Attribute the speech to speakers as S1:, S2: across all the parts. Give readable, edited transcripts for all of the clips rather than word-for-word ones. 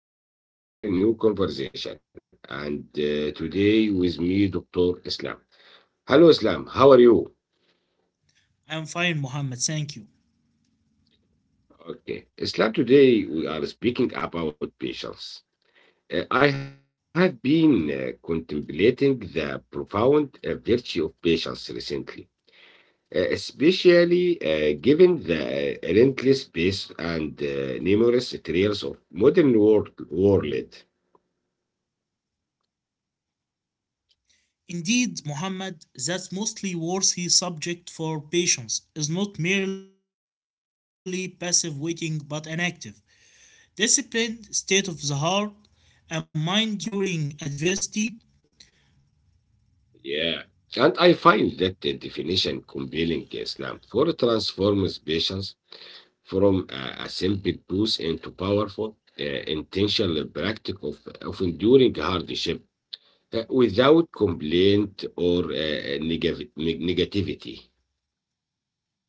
S1: Welcome to our new conversation. And Today with me, Dr. Islam. Hello, Islam. How are you?
S2: I'm fine, Muhammad,
S1: Okay.
S2: thank you.
S1: Islam, today we are speaking about patience. I have been contemplating the profound virtue of patience recently, especially given the relentless pace and numerous trials of modern world.
S2: Indeed, Muhammad, that mostly worthy subject for patience is not merely passive waiting but an active, disciplined state of the heart and mind during adversity,
S1: Yeah. And I find that the definition compelling Islam for transforms patience from a simple tools into powerful, intentional practice of enduring hardship without complaint or negativity.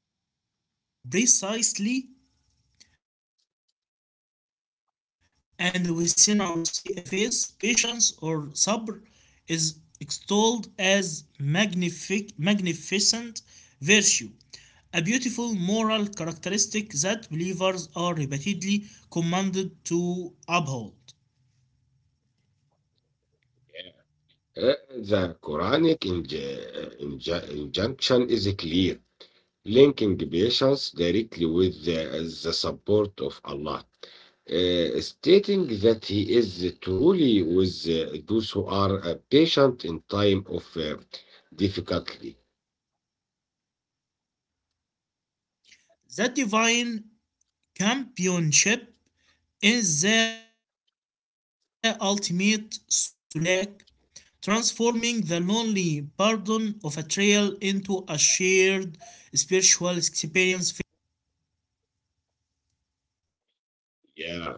S2: preci- uh, precisely and within our faith, patience or sabr is extolled as magnificent virtue, a beautiful moral characteristic that believers are repeatedly commanded to uphold.
S1: Uh, the Quranic injunction is clear, linking patients directly with the support of Allah, stating that He is truly with those who are patient in time of difficulty.
S2: That divine companionship in the ultimate slack, transforming the lonely burden of a trail into a shared spiritual experience filled with potential grace.
S1: Yeah.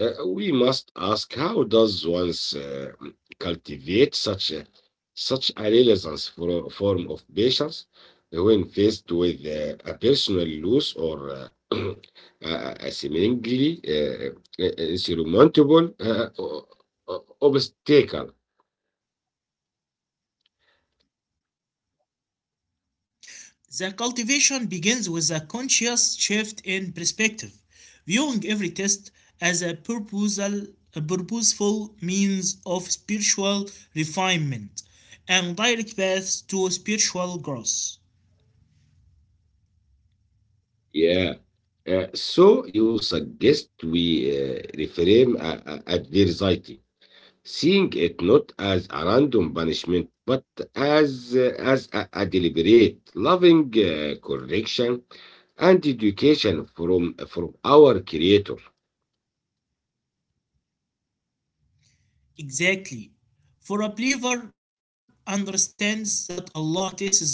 S1: We must ask how does one's cultivate such a renaissance for form of patience when faced with a personal loss or a seemingly insurmountable obstacle.
S2: The cultivation begins with a conscious shift in perspective, viewing every test as a purposeful means of spiritual refinement and direct paths to spiritual growth.
S1: Yeah. So you suggest we reframe adversity, seeing it not as a random punishment, but as a deliberate, loving correction and education from our Creator.
S2: Exactly. For a believer understands that Allah tests those he loves,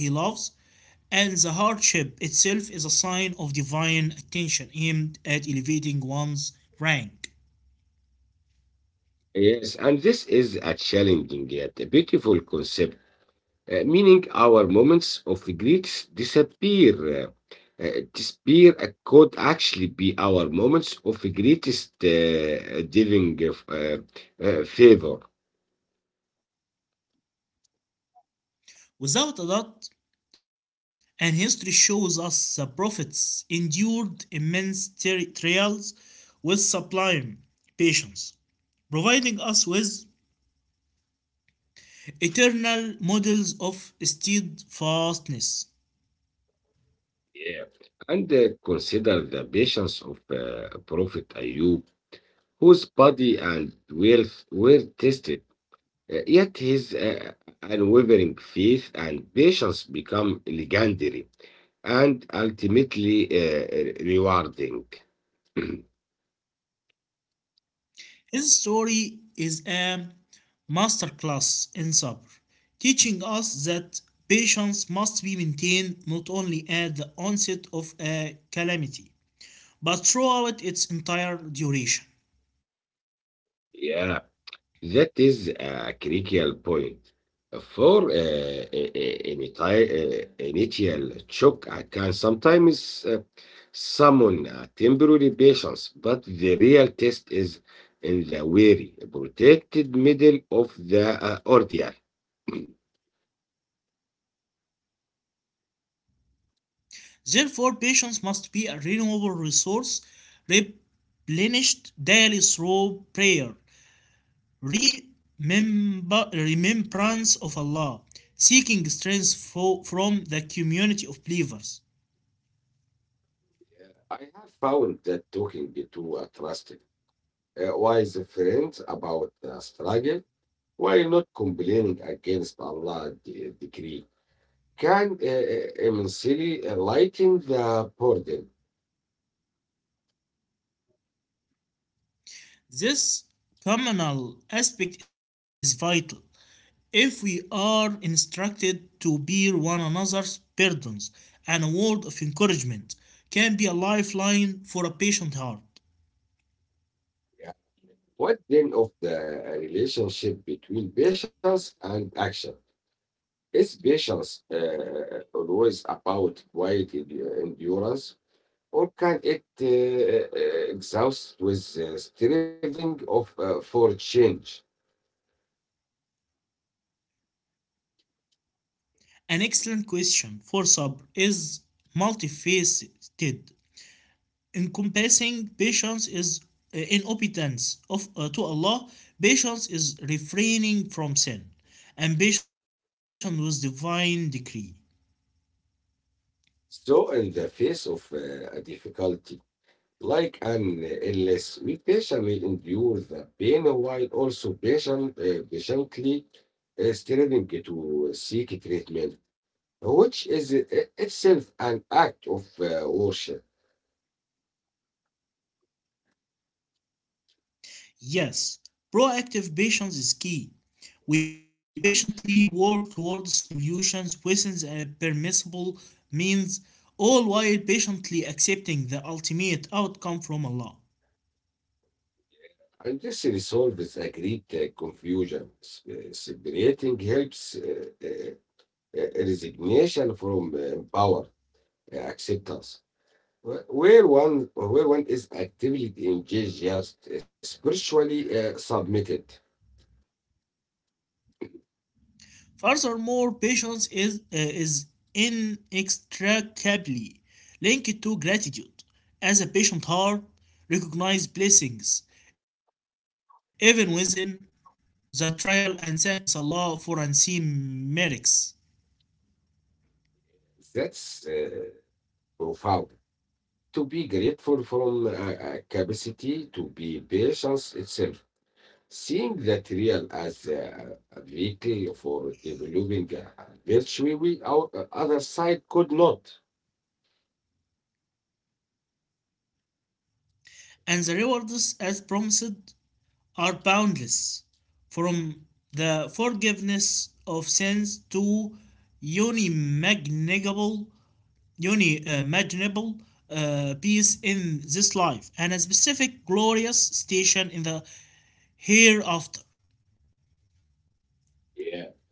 S2: and the hardship itself is a sign of divine attention aimed at elevating one's rank.
S1: Yes, and this is a challenging yet a beautiful concept, meaning our moments of grief disappear. Uh, Disappear could actually be our moments of greatest divine favor.
S2: Without a doubt, and history shows us the prophets endured immense trials with sublime patience, providing us with eternal models of steadfastness.
S1: Yeah. And consider the patience of Prophet Ayub, whose body and wealth were tested. Yet his unwavering faith and patience become legendary and ultimately rewarding.
S2: His story is a masterclass in sabr, teaching us that patience must be maintained not only at the onset of a calamity, but throughout its entire duration.
S1: Yeah. That is a critical point. For I- ini- ti- Initial shock can sometimes summon a temporary patience, but the real test is in the very protected middle of the ordeal.
S2: Therefore, patience must be a renewable resource replenished daily through prayer, remembrance of Allah, seeking strength from the community of believers.
S1: I have found that talking to a trusted, wise friend about the struggle, while not complaining against Allah's decree, can immensely lighten the burden.
S2: This communal aspect is vital. If we are instructed to bear one another's burdens, and a word of encouragement can be a lifeline for a patient heart.
S1: Yeah. What then of the relationship between patience and action? Is patience always about quiet endurance, or can it exhaust with striving of for change?
S2: An excellent question for Sabr is multifaceted, encompassing patience is in obedience of to Allah. Patience is refraining from sin, and patience with divine decree.
S1: So, in the face of a difficulty like an illness, we patient will endure the pain while also patiently striving to seek treatment, which is itself an act of worship.
S2: Yes, proactive patience is key. We patiently work towards solutions within the permissible means, all while patiently accepting the ultimate outcome from Allah.
S1: And this resolves a great confusion, s- separating helps, resignation from power acceptance, where one is actively engaged just spiritually submitted.
S2: Furthermore, patience is inextricably linked to gratitude. As a patient heart, recognizes blessings, even within the trial, and thanks Allah for unseen merits.
S1: That's profound. To be grateful from capacity to be patience itself. Seeing that real as a vehicle for developing a virtue we our other side could not.
S2: And the rewards as promised are boundless from the forgiveness of sins to unimaginable unimaginable peace in this life and a specific glorious station in the hereafter.
S1: Yeah.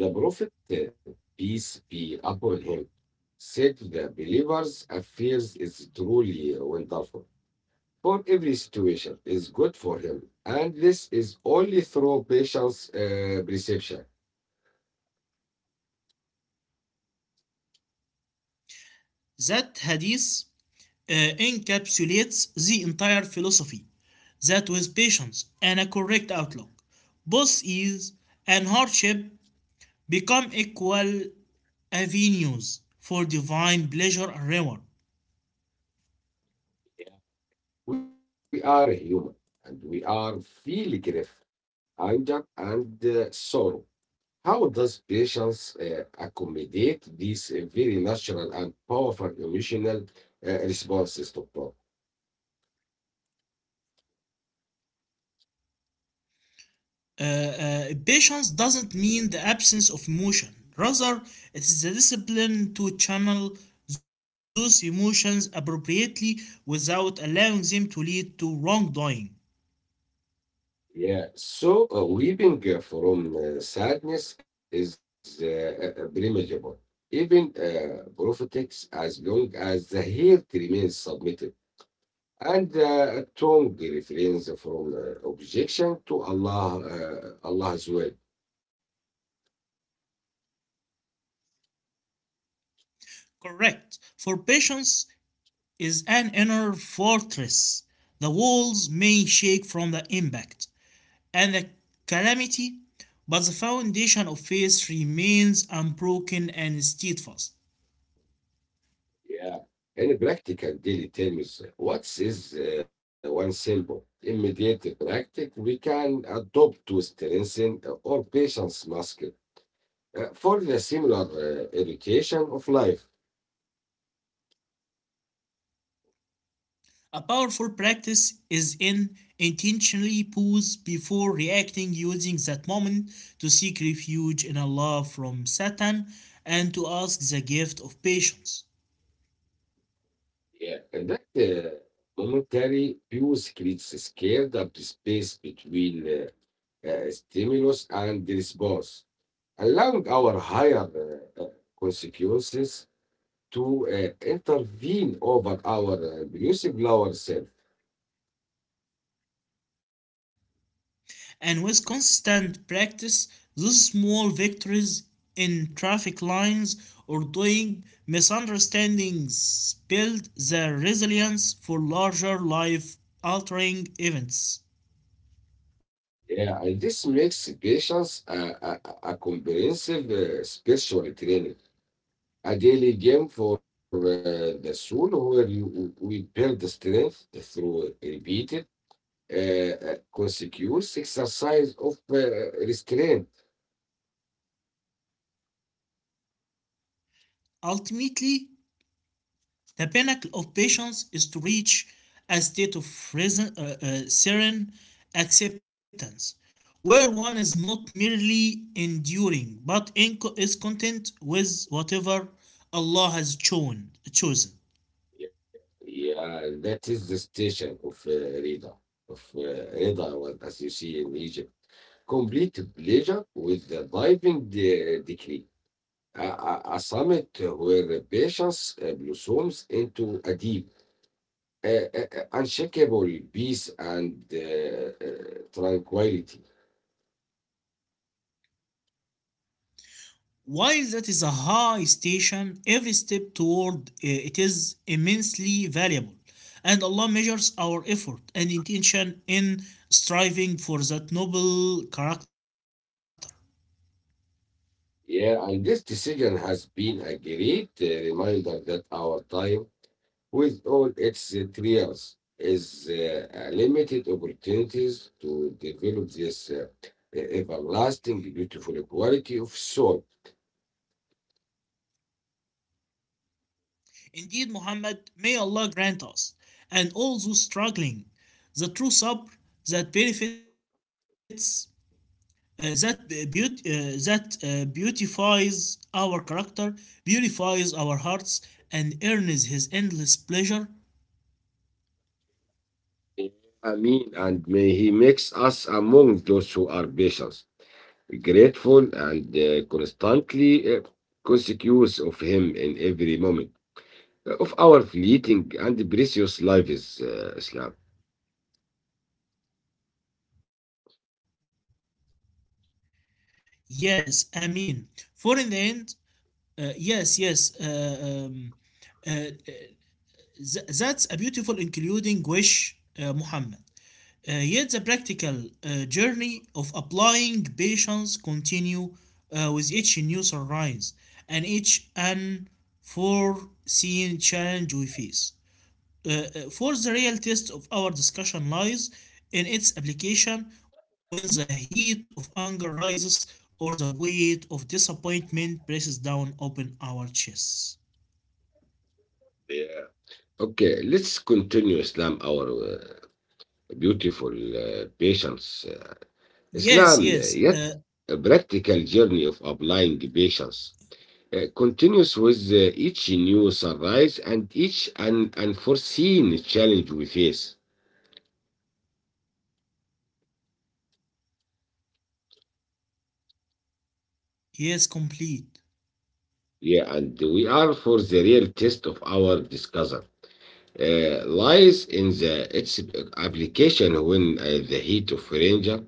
S1: And The Prophet, peace be upon him, said to the believers, affairs is truly wonderful. For every situation is good for him, and this is only through patience perception.
S2: That hadith uh, encapsulates the entire philosophy that with patience and a correct outlook both ease and hardship become equal avenues for divine pleasure and reward.
S1: We are human, and we are feeling grief, anger, and sorrow. How does patience accommodate these very natural and powerful emotional responses to problem?
S2: Patience doesn't mean the absence of emotion. Rather, it is the discipline to channel those emotions appropriately without allowing them to lead to wrongdoing.
S1: Yeah, so weeping from sadness is blamable, even prophetics, as long as the heart remains submitted and the tongue refrains from objection to Allah, Allah's will.
S2: Correct. For patience is an inner fortress. The walls may shake from the impact, and the calamity, but the foundation of faith remains unbroken and steadfast.
S1: Yeah. In practical daily terms, what is one simple, immediate practice we can adopt to strengthen our patient's muscle for the similar education of life?
S2: A powerful practice is in intentionally pause before reacting, using that moment to seek refuge in Allah from Satan and to ask the gift of patience.
S1: Yeah. And that momentary pause creates a scared up space between stimulus and the response, allowing our higher uh, uh, consequences to intervene over our elusive lower self.
S2: And with constant practice, those small victories in traffic lines or doing misunderstandings build the resilience for larger life altering events.
S1: Yeah, and this makes patience a a comprehensive spiritual training, a daily game for the soul where you we build the strength through repeated, uh, consecutive exercise of restraint.
S2: Ultimately, the pinnacle of patience is to reach a state of serene acceptance, where one is not merely enduring but is content with whatever Allah has chosen.
S1: Yeah, yeah, that is the station of Rida, of Rida, well, as you see in Egypt. Complete pleasure with the diving decree, a summit where patience blossoms into a deep, unshakable peace and tranquility.
S2: While that is a high station, every step toward it is immensely valuable, and Allah measures our effort and intention in striving for that noble character.
S1: Yeah, and this decision has been a great reminder that our time, with all its trials, is a limited opportunities to develop this everlasting beautiful quality of soul.
S2: Indeed, Muhammad, may Allah grant us and all those struggling the true sabr that beautifies our character, beautifies our hearts, and earns His endless pleasure.
S1: Ameen. And may He makes us among those who are patient, grateful, and constantly conscious of Him in every moment of our fleeting and precious lives, Islam.
S2: Yes, I mean, for in the end, uh, yes, yes, uh, um, uh, uh, that's a beautiful including wish, Muhammad. Yet the practical journey of applying patience continue with each new sunrise and each unforeseen challenge we face, for the real test of our discussion lies in its application when the heat of anger rises or the weight of disappointment presses down upon our chests.
S1: Yeah. Okay, let's continue, Islam, our uh, beautiful patience. Uh, Islam,
S2: Yes, yes,
S1: yet a practical journey of applying patience continues with each new sunrise and each unforeseen challenge we face.
S2: yes, complete.
S1: Yeah, and we are for the real test of our discover lies in the its application when the heat of danger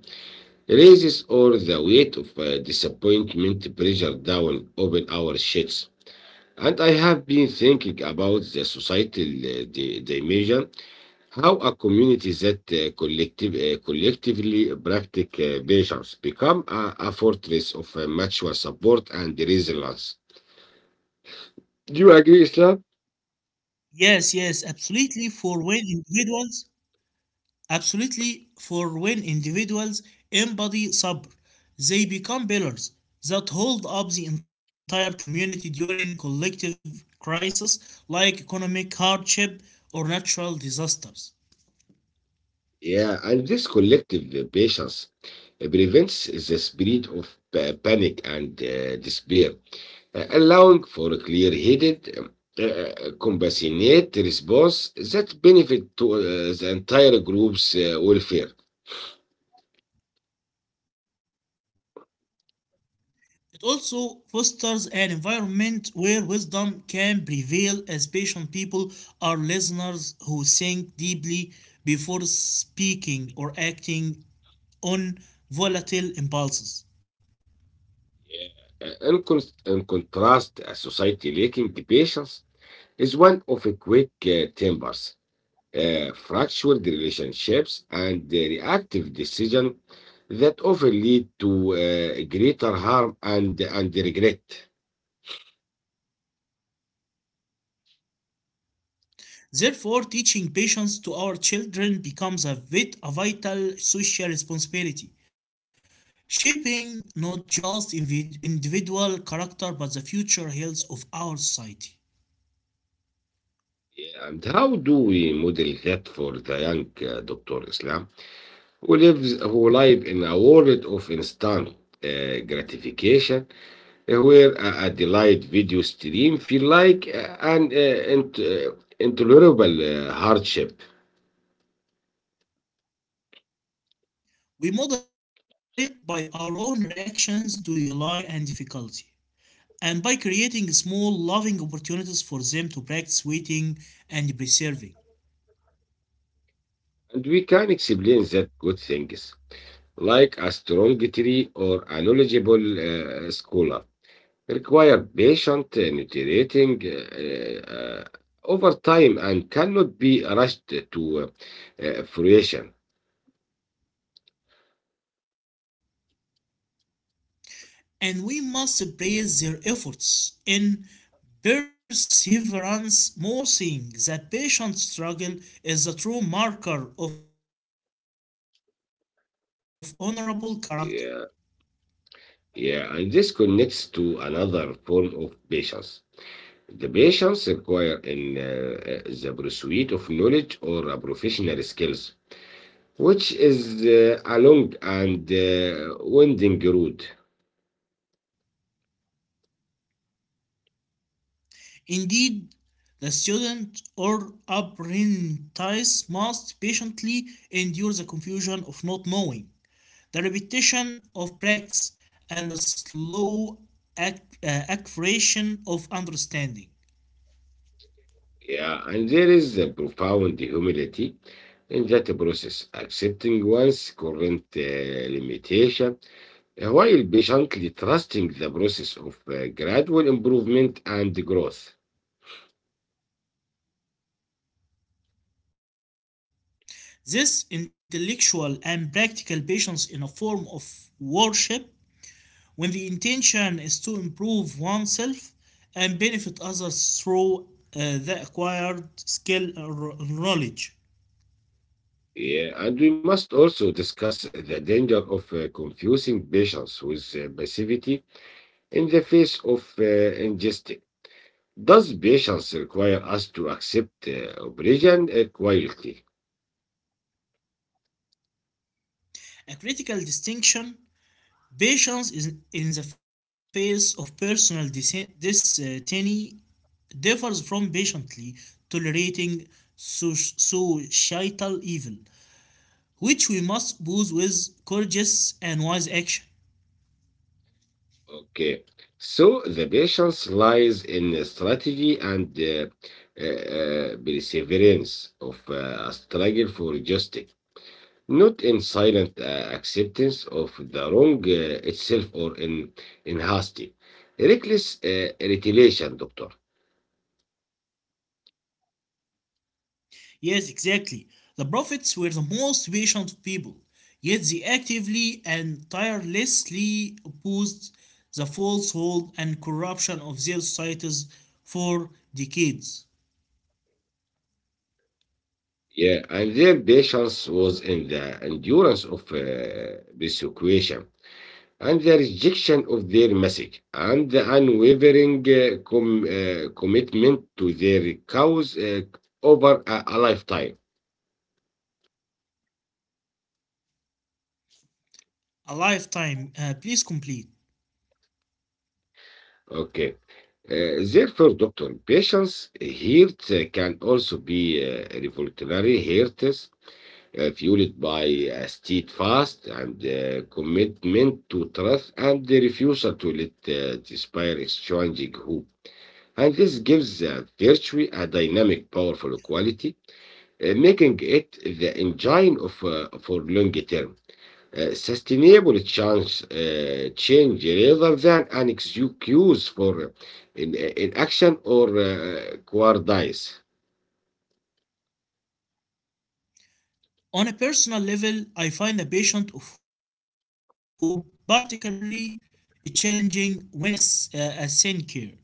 S1: raises or the weight of disappointment pressure down open our sheets. And I have been thinking about the societal dimension. How a community that collectively practice measures become a fortress of mutual support and resilience. Do you agree, Islam?
S2: Yes, yes, absolutely. For when individuals Absolutely, for when individuals embody sabr, they become pillars that hold up the entire community during collective crises like economic hardship or natural disasters.
S1: Yeah, and this collective patience prevents the spread of panic and despair, allowing for a clear-headed, compassionate response that benefit to the entire group's welfare.
S2: It also fosters an environment where wisdom can prevail, as patient people are listeners who think deeply before speaking or acting on volatile impulses.
S1: In contrast, a society lacking the patience is one of a quick tempers, fractured relationships, and the reactive decision that often lead to greater harm and regret.
S2: Therefore, teaching patience to our children becomes a a vital social responsibility, shaping not just individual character but the future health of our society.
S1: Yeah, and how do we model that for the young Dr. Islam who live in a world of instant gratification where a delayed video stream feel like an intolerable hardship?
S2: We model it by our own reactions to delay and difficulty, and by creating small, loving opportunities for them to practice waiting and preserving.
S1: And we can explain that good things, like a strong tree or a knowledgeable scholar, require patient nutriting over time and cannot be rushed to fruition.
S2: And we must praise their efforts in perseverance more than their innate talents, reinforcing the patient's struggle is a true marker of honorable
S1: Yeah,
S2: character.
S1: yeah, and this connects to another form of patience. The patience required in the pursuit of knowledge or professional skills, which is a long and winding road.
S2: Indeed, the student or apprentice must patiently endure the confusion of not knowing, the repetition of practice, and the slow acquisition of understanding.
S1: Yeah, and there is a profound humility in that process, accepting one's current limitation while patiently trusting the process of gradual improvement and growth.
S2: This intellectual and practical patience in a form of worship when the intention is to improve oneself and benefit others through the acquired skill or knowledge.
S1: Yeah, and we must also discuss the danger of confusing patience with passivity in the face of injustice. Does patience require us to accept oppression quietly?
S2: A critical distinction: patience is in the face of personal destiny differs from patiently tolerating societal evil, which we must pose with courageous and wise action.
S1: Okay. So the patience lies in the strategy and perseverance of a struggle for justice, not in silent acceptance of the wrong itself or in hasty, reckless retaliation, doctor.
S2: Yes, exactly. The prophets were the most patient people, yet they actively and tirelessly opposed the falsehood and corruption of their societies for decades.
S1: Yeah, and their patience was in the endurance of persecution and the rejection of their message and the unwavering commitment to their cause over a lifetime.
S2: A lifetime, please complete.
S1: Okay. Therefore, doctor, patience hurt can also be revolutionary hurts fueled by a steadfast and commitment to truth and the refusal to let despair exchange hope. And this gives virtue a dynamic, powerful quality, making it the engine of for long-term sustainable change rather than an excuse for in action or cowardice.
S2: On a personal level, I find the patient of hope particularly challenging when a sin care.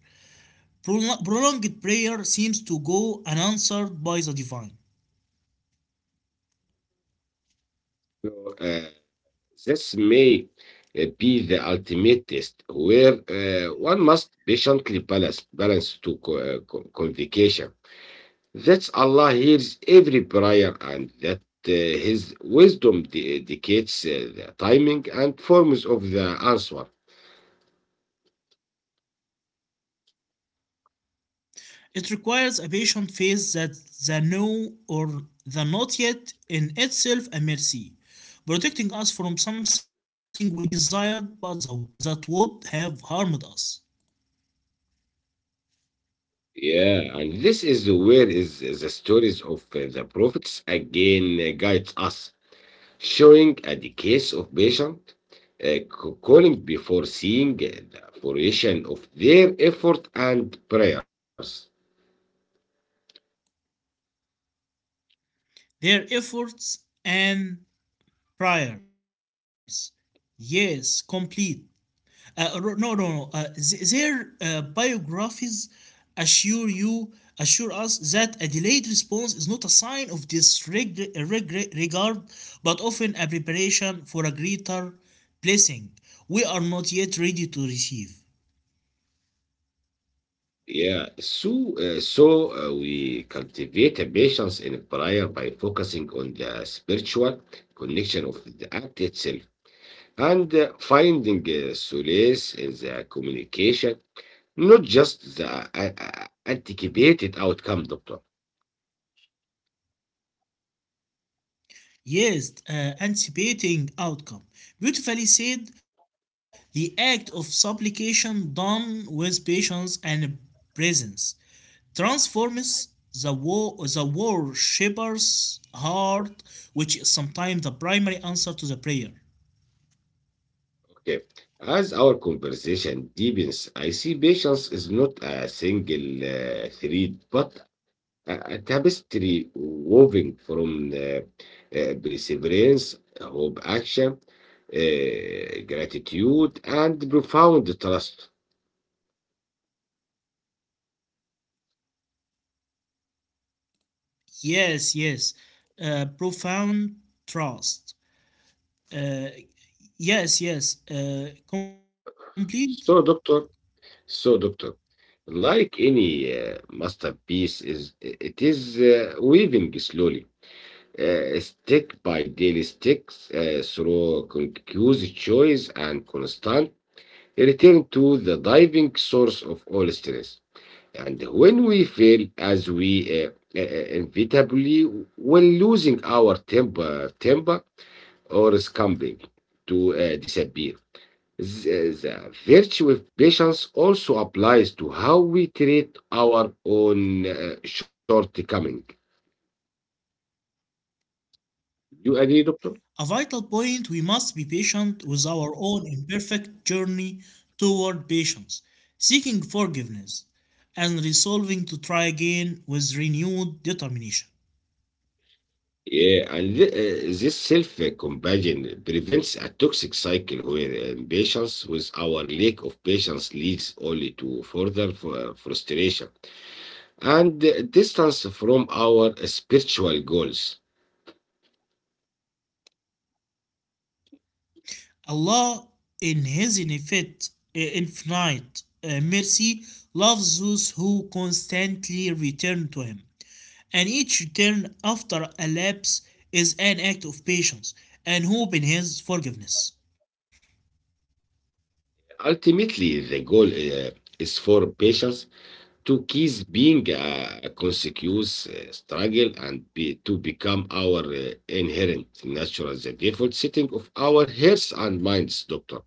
S2: Prolonged prayer seems to go unanswered by the divine.
S1: So, this may be the ultimate test, where one must patiently balance to convocation. That Allah hears every prayer, and that uh, His wisdom dictates the timing and forms of the answer.
S2: It requires a patient faith that the no or the not yet in itself a mercy, protecting us from something we desired but that would have harmed us.
S1: Yeah, and this is where is the stories of the prophets again guides us, showing a decrease of patient calling before seeing the fruition of their effort and prayers.
S2: Their efforts and prayers, yes, complete. No, no, no. Their biographies assure you, assure us that a delayed response is not a sign of disregard, but often a preparation for a greater blessing we are not yet ready to receive.
S1: Yeah, so we cultivate patience in prayer by focusing on the spiritual connection of the act itself and finding solace in the communication, not just the anticipated outcome, doctor.
S2: Yes, anticipating outcome. Beautifully said, the act of supplication done with patience and presence transforms the worshipper's heart, which is sometimes the primary answer to the prayer.
S1: Okay. As our conversation deepens, I see patience is not a single thread, but a tapestry woven from perseverance, hope, action, gratitude, and profound trust.
S2: Yes, yes. Profound trust. Uh, yes, yes. Complete.
S1: So, doctor, so doctor, like any masterpiece, is weaving slowly stick by daily sticks through conscious choice and constant return to the diving source of all stress. And when we fail, as we uh, uh, inevitably will, losing our temper or scumbling to disappear. The, the virtue of patience also applies to how we treat our own shortcoming. You agree, doctor?
S2: A vital point: we must be patient with our own imperfect journey toward patience, seeking forgiveness, and resolving to try again with renewed determination.
S1: Yeah, and this self-compassion prevents a toxic cycle where impatience with our lack of patience leads only to further frustration and distance from our spiritual goals.
S2: Allah, in His infinite mercy, loves those who constantly return to Him. And each return after a lapse is an act of patience and hope in His forgiveness.
S1: Ultimately, the goal is for patience to cease being a consecutive struggle and to become our inherent natural, the default setting of our hearts and minds, doctor.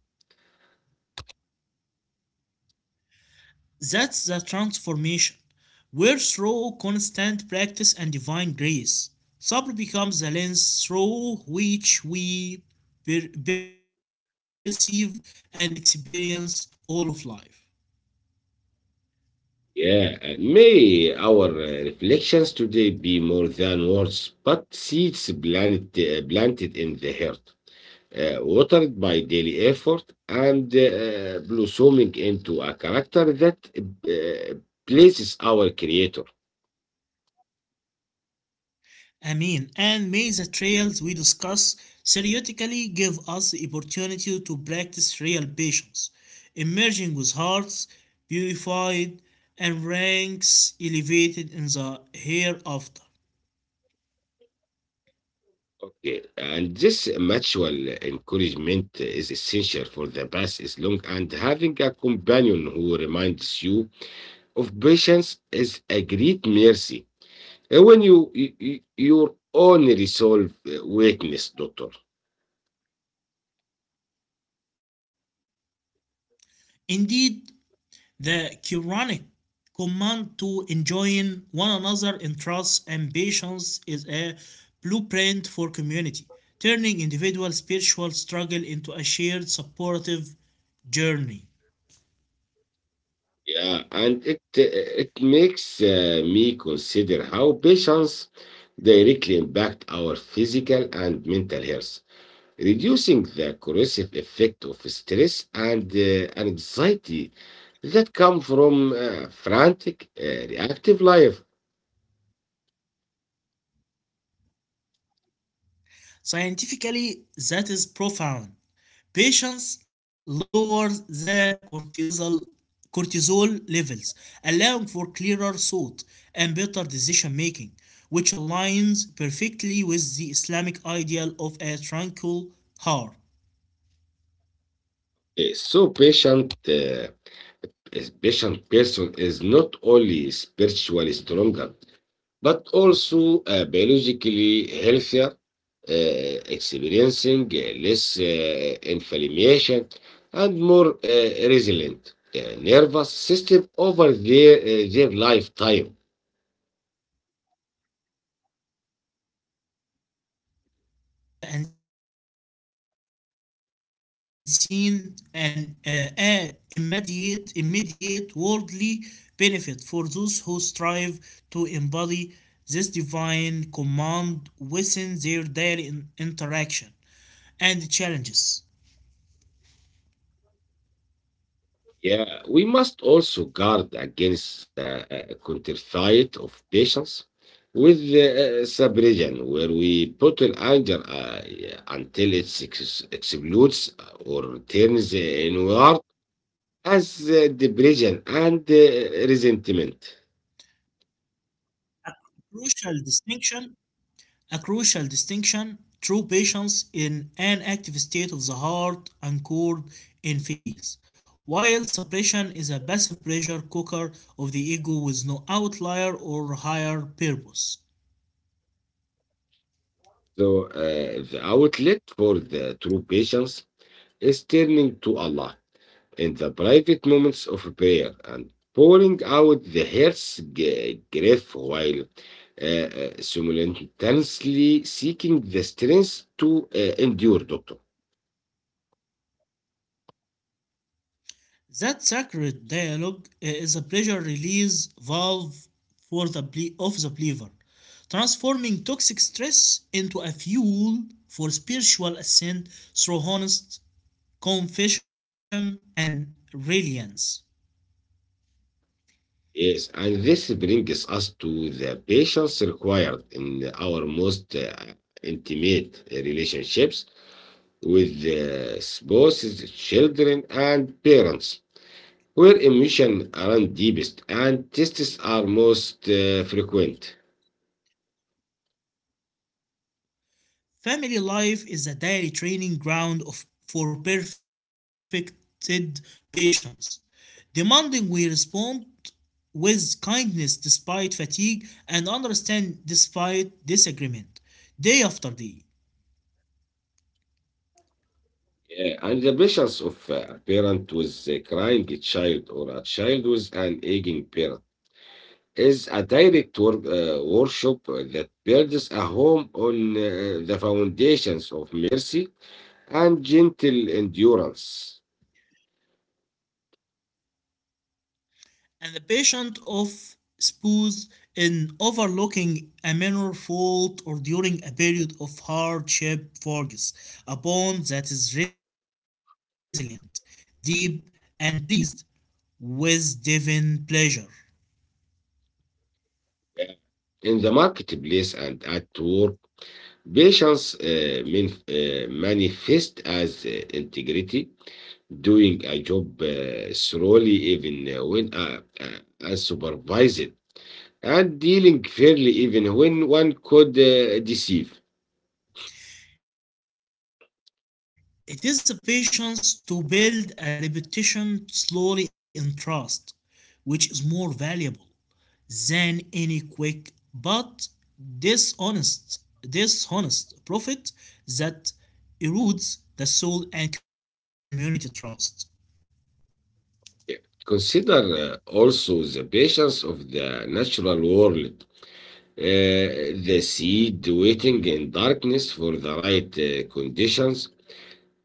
S2: That's the transformation, where through constant practice and divine grace, Sabr becomes the lens through which we perceive and experience all of life.
S1: Yeah, and may our reflections today be more than words, but seeds planted, planted in the heart, watered by daily effort, and blossoming into a character that pleases our Creator.
S2: Amin. And may the trials we discuss theoretically give us the opportunity to practice real patience, emerging with hearts purified and ranks elevated in the hereafter.
S1: Okay, and this mutual encouragement is essential, for the path is long, and having a companion who reminds you of patience is a great mercy. When your own resolve weakness, doctor.
S2: Indeed, the Quranic command to enjoin one another in trust and patience is a blueprint for community, turning individual spiritual struggle into a shared supportive journey.
S1: Yeah, and it makes me consider how patients directly impact our physical and mental health, reducing the corrosive effect of stress and anxiety that come from frantic, reactive life.
S2: Scientifically, that is profound. Patients lower the cortisol levels, allowing for clearer thought and better decision making, which aligns perfectly with the Islamic ideal of a tranquil heart.
S1: So patient person is not only spiritually stronger but also biologically healthier, experiencing less inflammation and more resilient nervous system over their lifetime.
S2: This tangible blessing from the unseen and immediate worldly benefit for those who strive to embody this divine command within their daily interaction and challenges.
S1: Yeah, we must also guard against counterfeit of patients with suppression, where we bottle anger until it explodes or turns inward as depression and resentment.
S2: Crucial distinction A crucial distinction. True patience in an active state of the heart anchored in faith, while suppression is a passive pressure cooker of the ego with no outlier or higher purpose.
S1: So the outlet for the true patience is turning to Allah in the private moments of prayer and pouring out the heart's grief while simultaneously seeking the strength to endure, doctor.
S2: That sacred dialogue is a pressure release valve for the ble- of the believer, transforming toxic stress into a fuel for spiritual ascent through honest confession and reliance.
S1: Yes, and this brings us to the patience required in our most intimate relationships with the spouses, children, and parents, where emissions are deepest and tests are most frequent.
S2: Family life is a daily training ground of, for perfected patience, demanding we respond with kindness despite fatigue and understand despite disagreement, day after day.
S1: Yeah, and the patients of a parent with a crying child or a child with an aging parent is a direct worship that builds a home on the foundations of mercy and gentle endurance.
S2: And the patient of spouse in overlooking a minor fault or during a period of hardship forges a bond that is resilient, deep, and pleased with divine pleasure.
S1: Yeah. In the marketplace and at work, patience manifests as integrity, doing a job thoroughly even when unsupervised, and dealing fairly even when one could deceive.
S2: It is a patience to build a reputation slowly and trust, which is more valuable than any quick but dishonest dishonest profit that erodes the soul and community trust.
S1: Consider also the patience of the natural world, uh, the seed waiting in darkness for the right conditions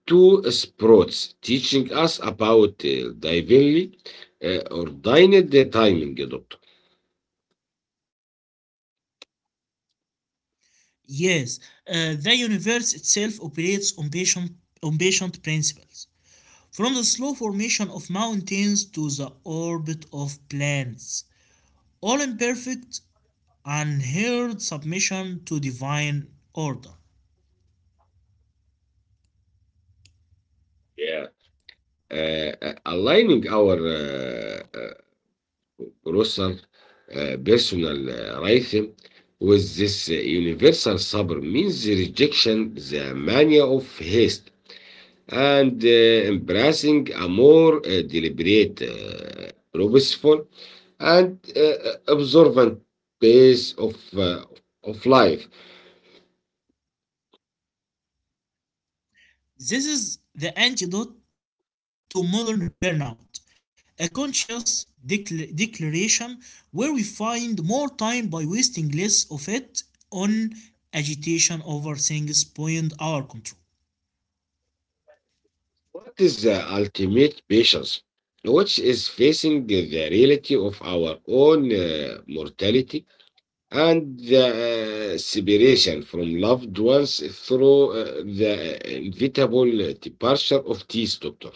S1: two spots teaching us about divinely ordained timing, eh, doctor.
S2: Yes, the universe itself operates on patient principles. From the slow formation of mountains to the orbit of planets, all in perfect, unheard submission to divine order.
S1: Yeah. Aligning our uh, closer personal rhythm with this universal supper means the rejection the mania of haste and embracing a more deliberate, purposeful, and observant pace of life.
S2: This is the antidote to modern burnout, a conscious declaration where we find more time by wasting less of it on agitation over things beyond our control.
S1: What is the ultimate patience? Which is facing the reality of our own mortality and the separation from loved ones through the inevitable departure of this doctor.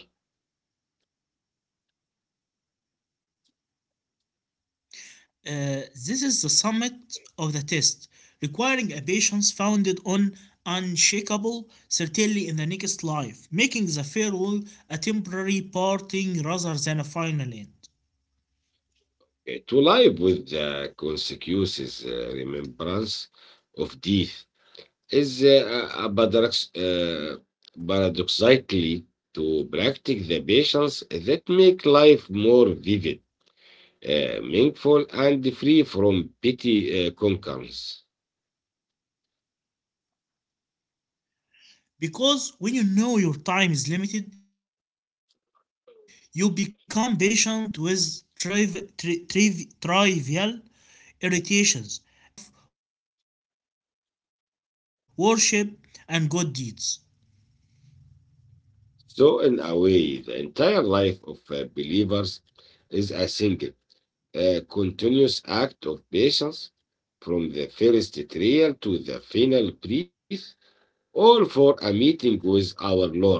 S2: This is the summit of the test, requiring a patience founded on unshakable certainty in the next life, making the farewell a temporary parting rather than a final end.
S1: To live with the consequences, remembrance of death is a paradox, uh, paradoxically to practice the patience that make life more vivid meaningful and free from petty concerns.
S2: Because when you know your time is limited, you become patient with trivial irritations and fiercely focused on what truly matters: love, worship, and good deeds.
S1: So, in a way, the entire life of believers is a single, continuous act of patience from the first trial to the final breath, all for a meeting with our Lord.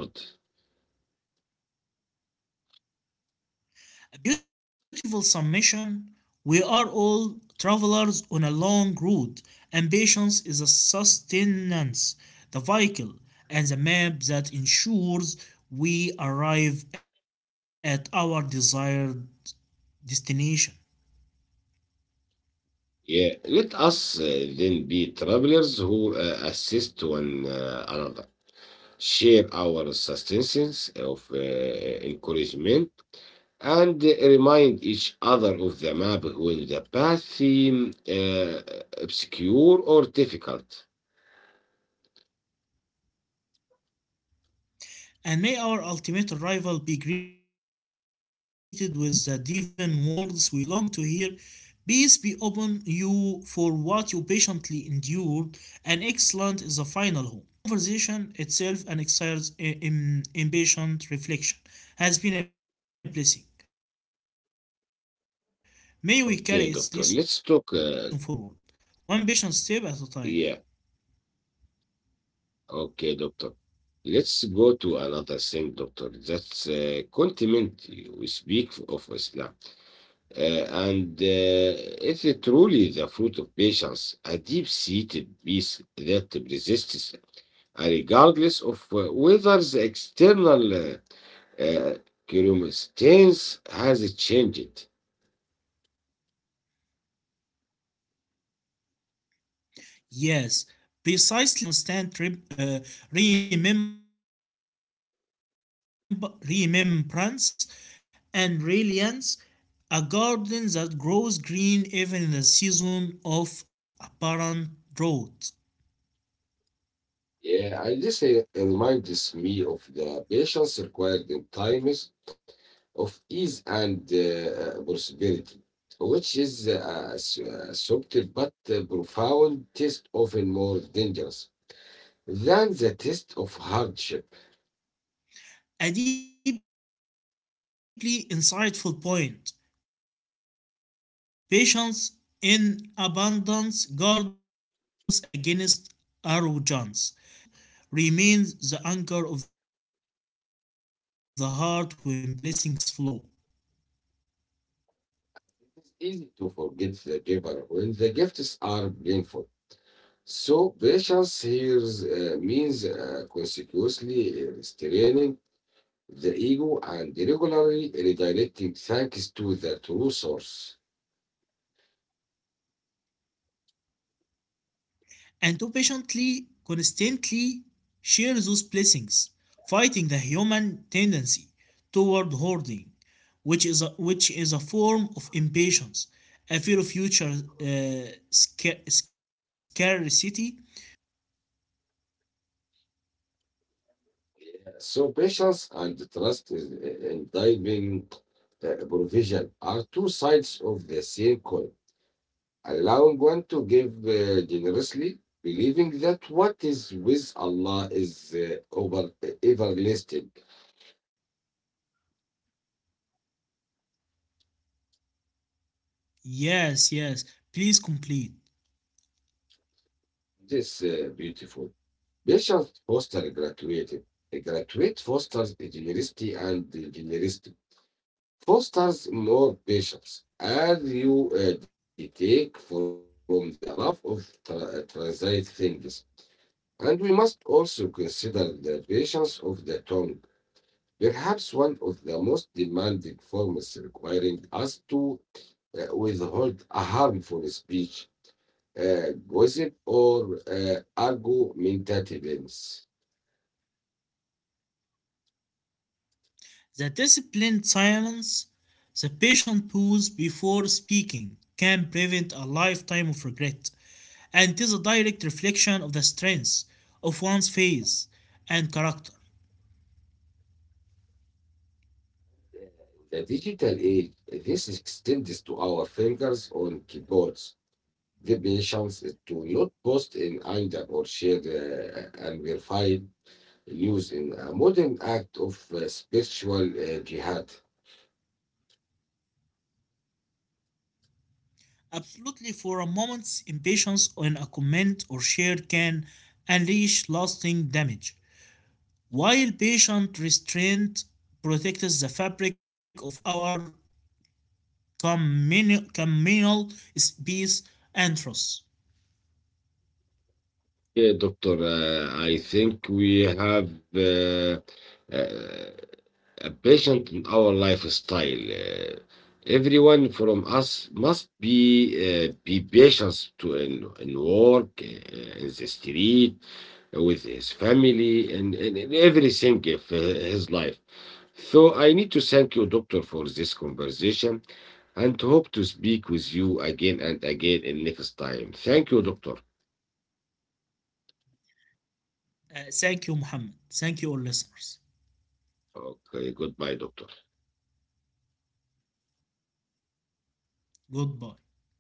S2: A beautiful summation. We are all travelers on a long road, and patience is a sustenance, the vehicle, and the map that ensures we arrive at our desired destination.
S1: Yeah, let us then be travelers who assist one another, share our sustenance of encouragement and remind each other of the map when the path seem obscure or difficult.
S2: And may our ultimate arrival be greeted with the divine words we long to hear. Peace be upon you for what you patiently endured, and excellent is the final home. Muhammad Amin, O Lord of the worlds. This conversation itself and excites impatient reflection has been a
S1: Okay,
S2: blessing.
S1: doctor, let's
S2: May we
S1: talk.
S2: carry its lesson forward, one patient step at a time.
S1: Yeah, okay, doctor. Let's go to another thing, doctor. That's continent. We speak of Islam. Uh, and is it truly the fruit of patience, a deep seated peace that resists, regardless of whether the external uh, uh, chromatin has changed.
S2: Yes, precisely, for it is an inner state cultivated through constant remembrance and reliance, a garden that grows green even in the season of apparent drought.
S1: Yeah, and this reminds me of the patience required in times of ease and prosperity, which is a subtle but profound test, often more dangerous than the test of hardship.
S2: A deeply insightful point. Patience in abundance guards against arrogance and heedlessness, ensuring gratitude remains the anchor of the heart when blessings flow.
S1: It's easy to forget the giver when the gifts are painful. So patience here means consequently restraining the ego and regularly redirecting thanks to the true source.
S2: And to patiently, constantly share those blessings, fighting the human tendency toward hoarding, which is a form of impatience, a fear of future scarcity.
S1: So patience and trust is in divine provision are two sides of the same coin, allowing one to give generously, believing that what is with Allah is over everlasting.
S2: Yes, yes, please complete.
S1: This is beautiful. Patience foster gratitude. A graduate fosters generosity and generosity fosters more patience as you detect from the love of transit things. And we must also consider the patience of the tongue, perhaps one of the most demanding forms requiring us to withhold a harmful speech, gossip, or argumentativeness.
S2: The disciplined silence, the patient pause before speaking, can prevent a lifetime of regret, and it is a direct reflection of the strength of one's face and character.
S1: The digital age, this extends to our fingers on keyboards. Give me chances to not post in anger or share and verify news in a modern act of spiritual jihad.
S2: Absolutely, for a moment's impatience on a comment or share can unleash lasting damage, while patient restraint protects the fabric of our communal peace and trust.
S1: Yeah, doctor, I think we have uh, uh, a patient in our lifestyle. Uh, everyone from us must be patient to in work, in the street, with his family, and everything of his life. So I need to thank you, doctor, for this conversation, and hope to speak with you again and again in next time. Thank you, doctor.
S2: Thank you, Muhammad. Thank you, all listeners.
S1: Okay, goodbye, doctor.
S2: Goodbye.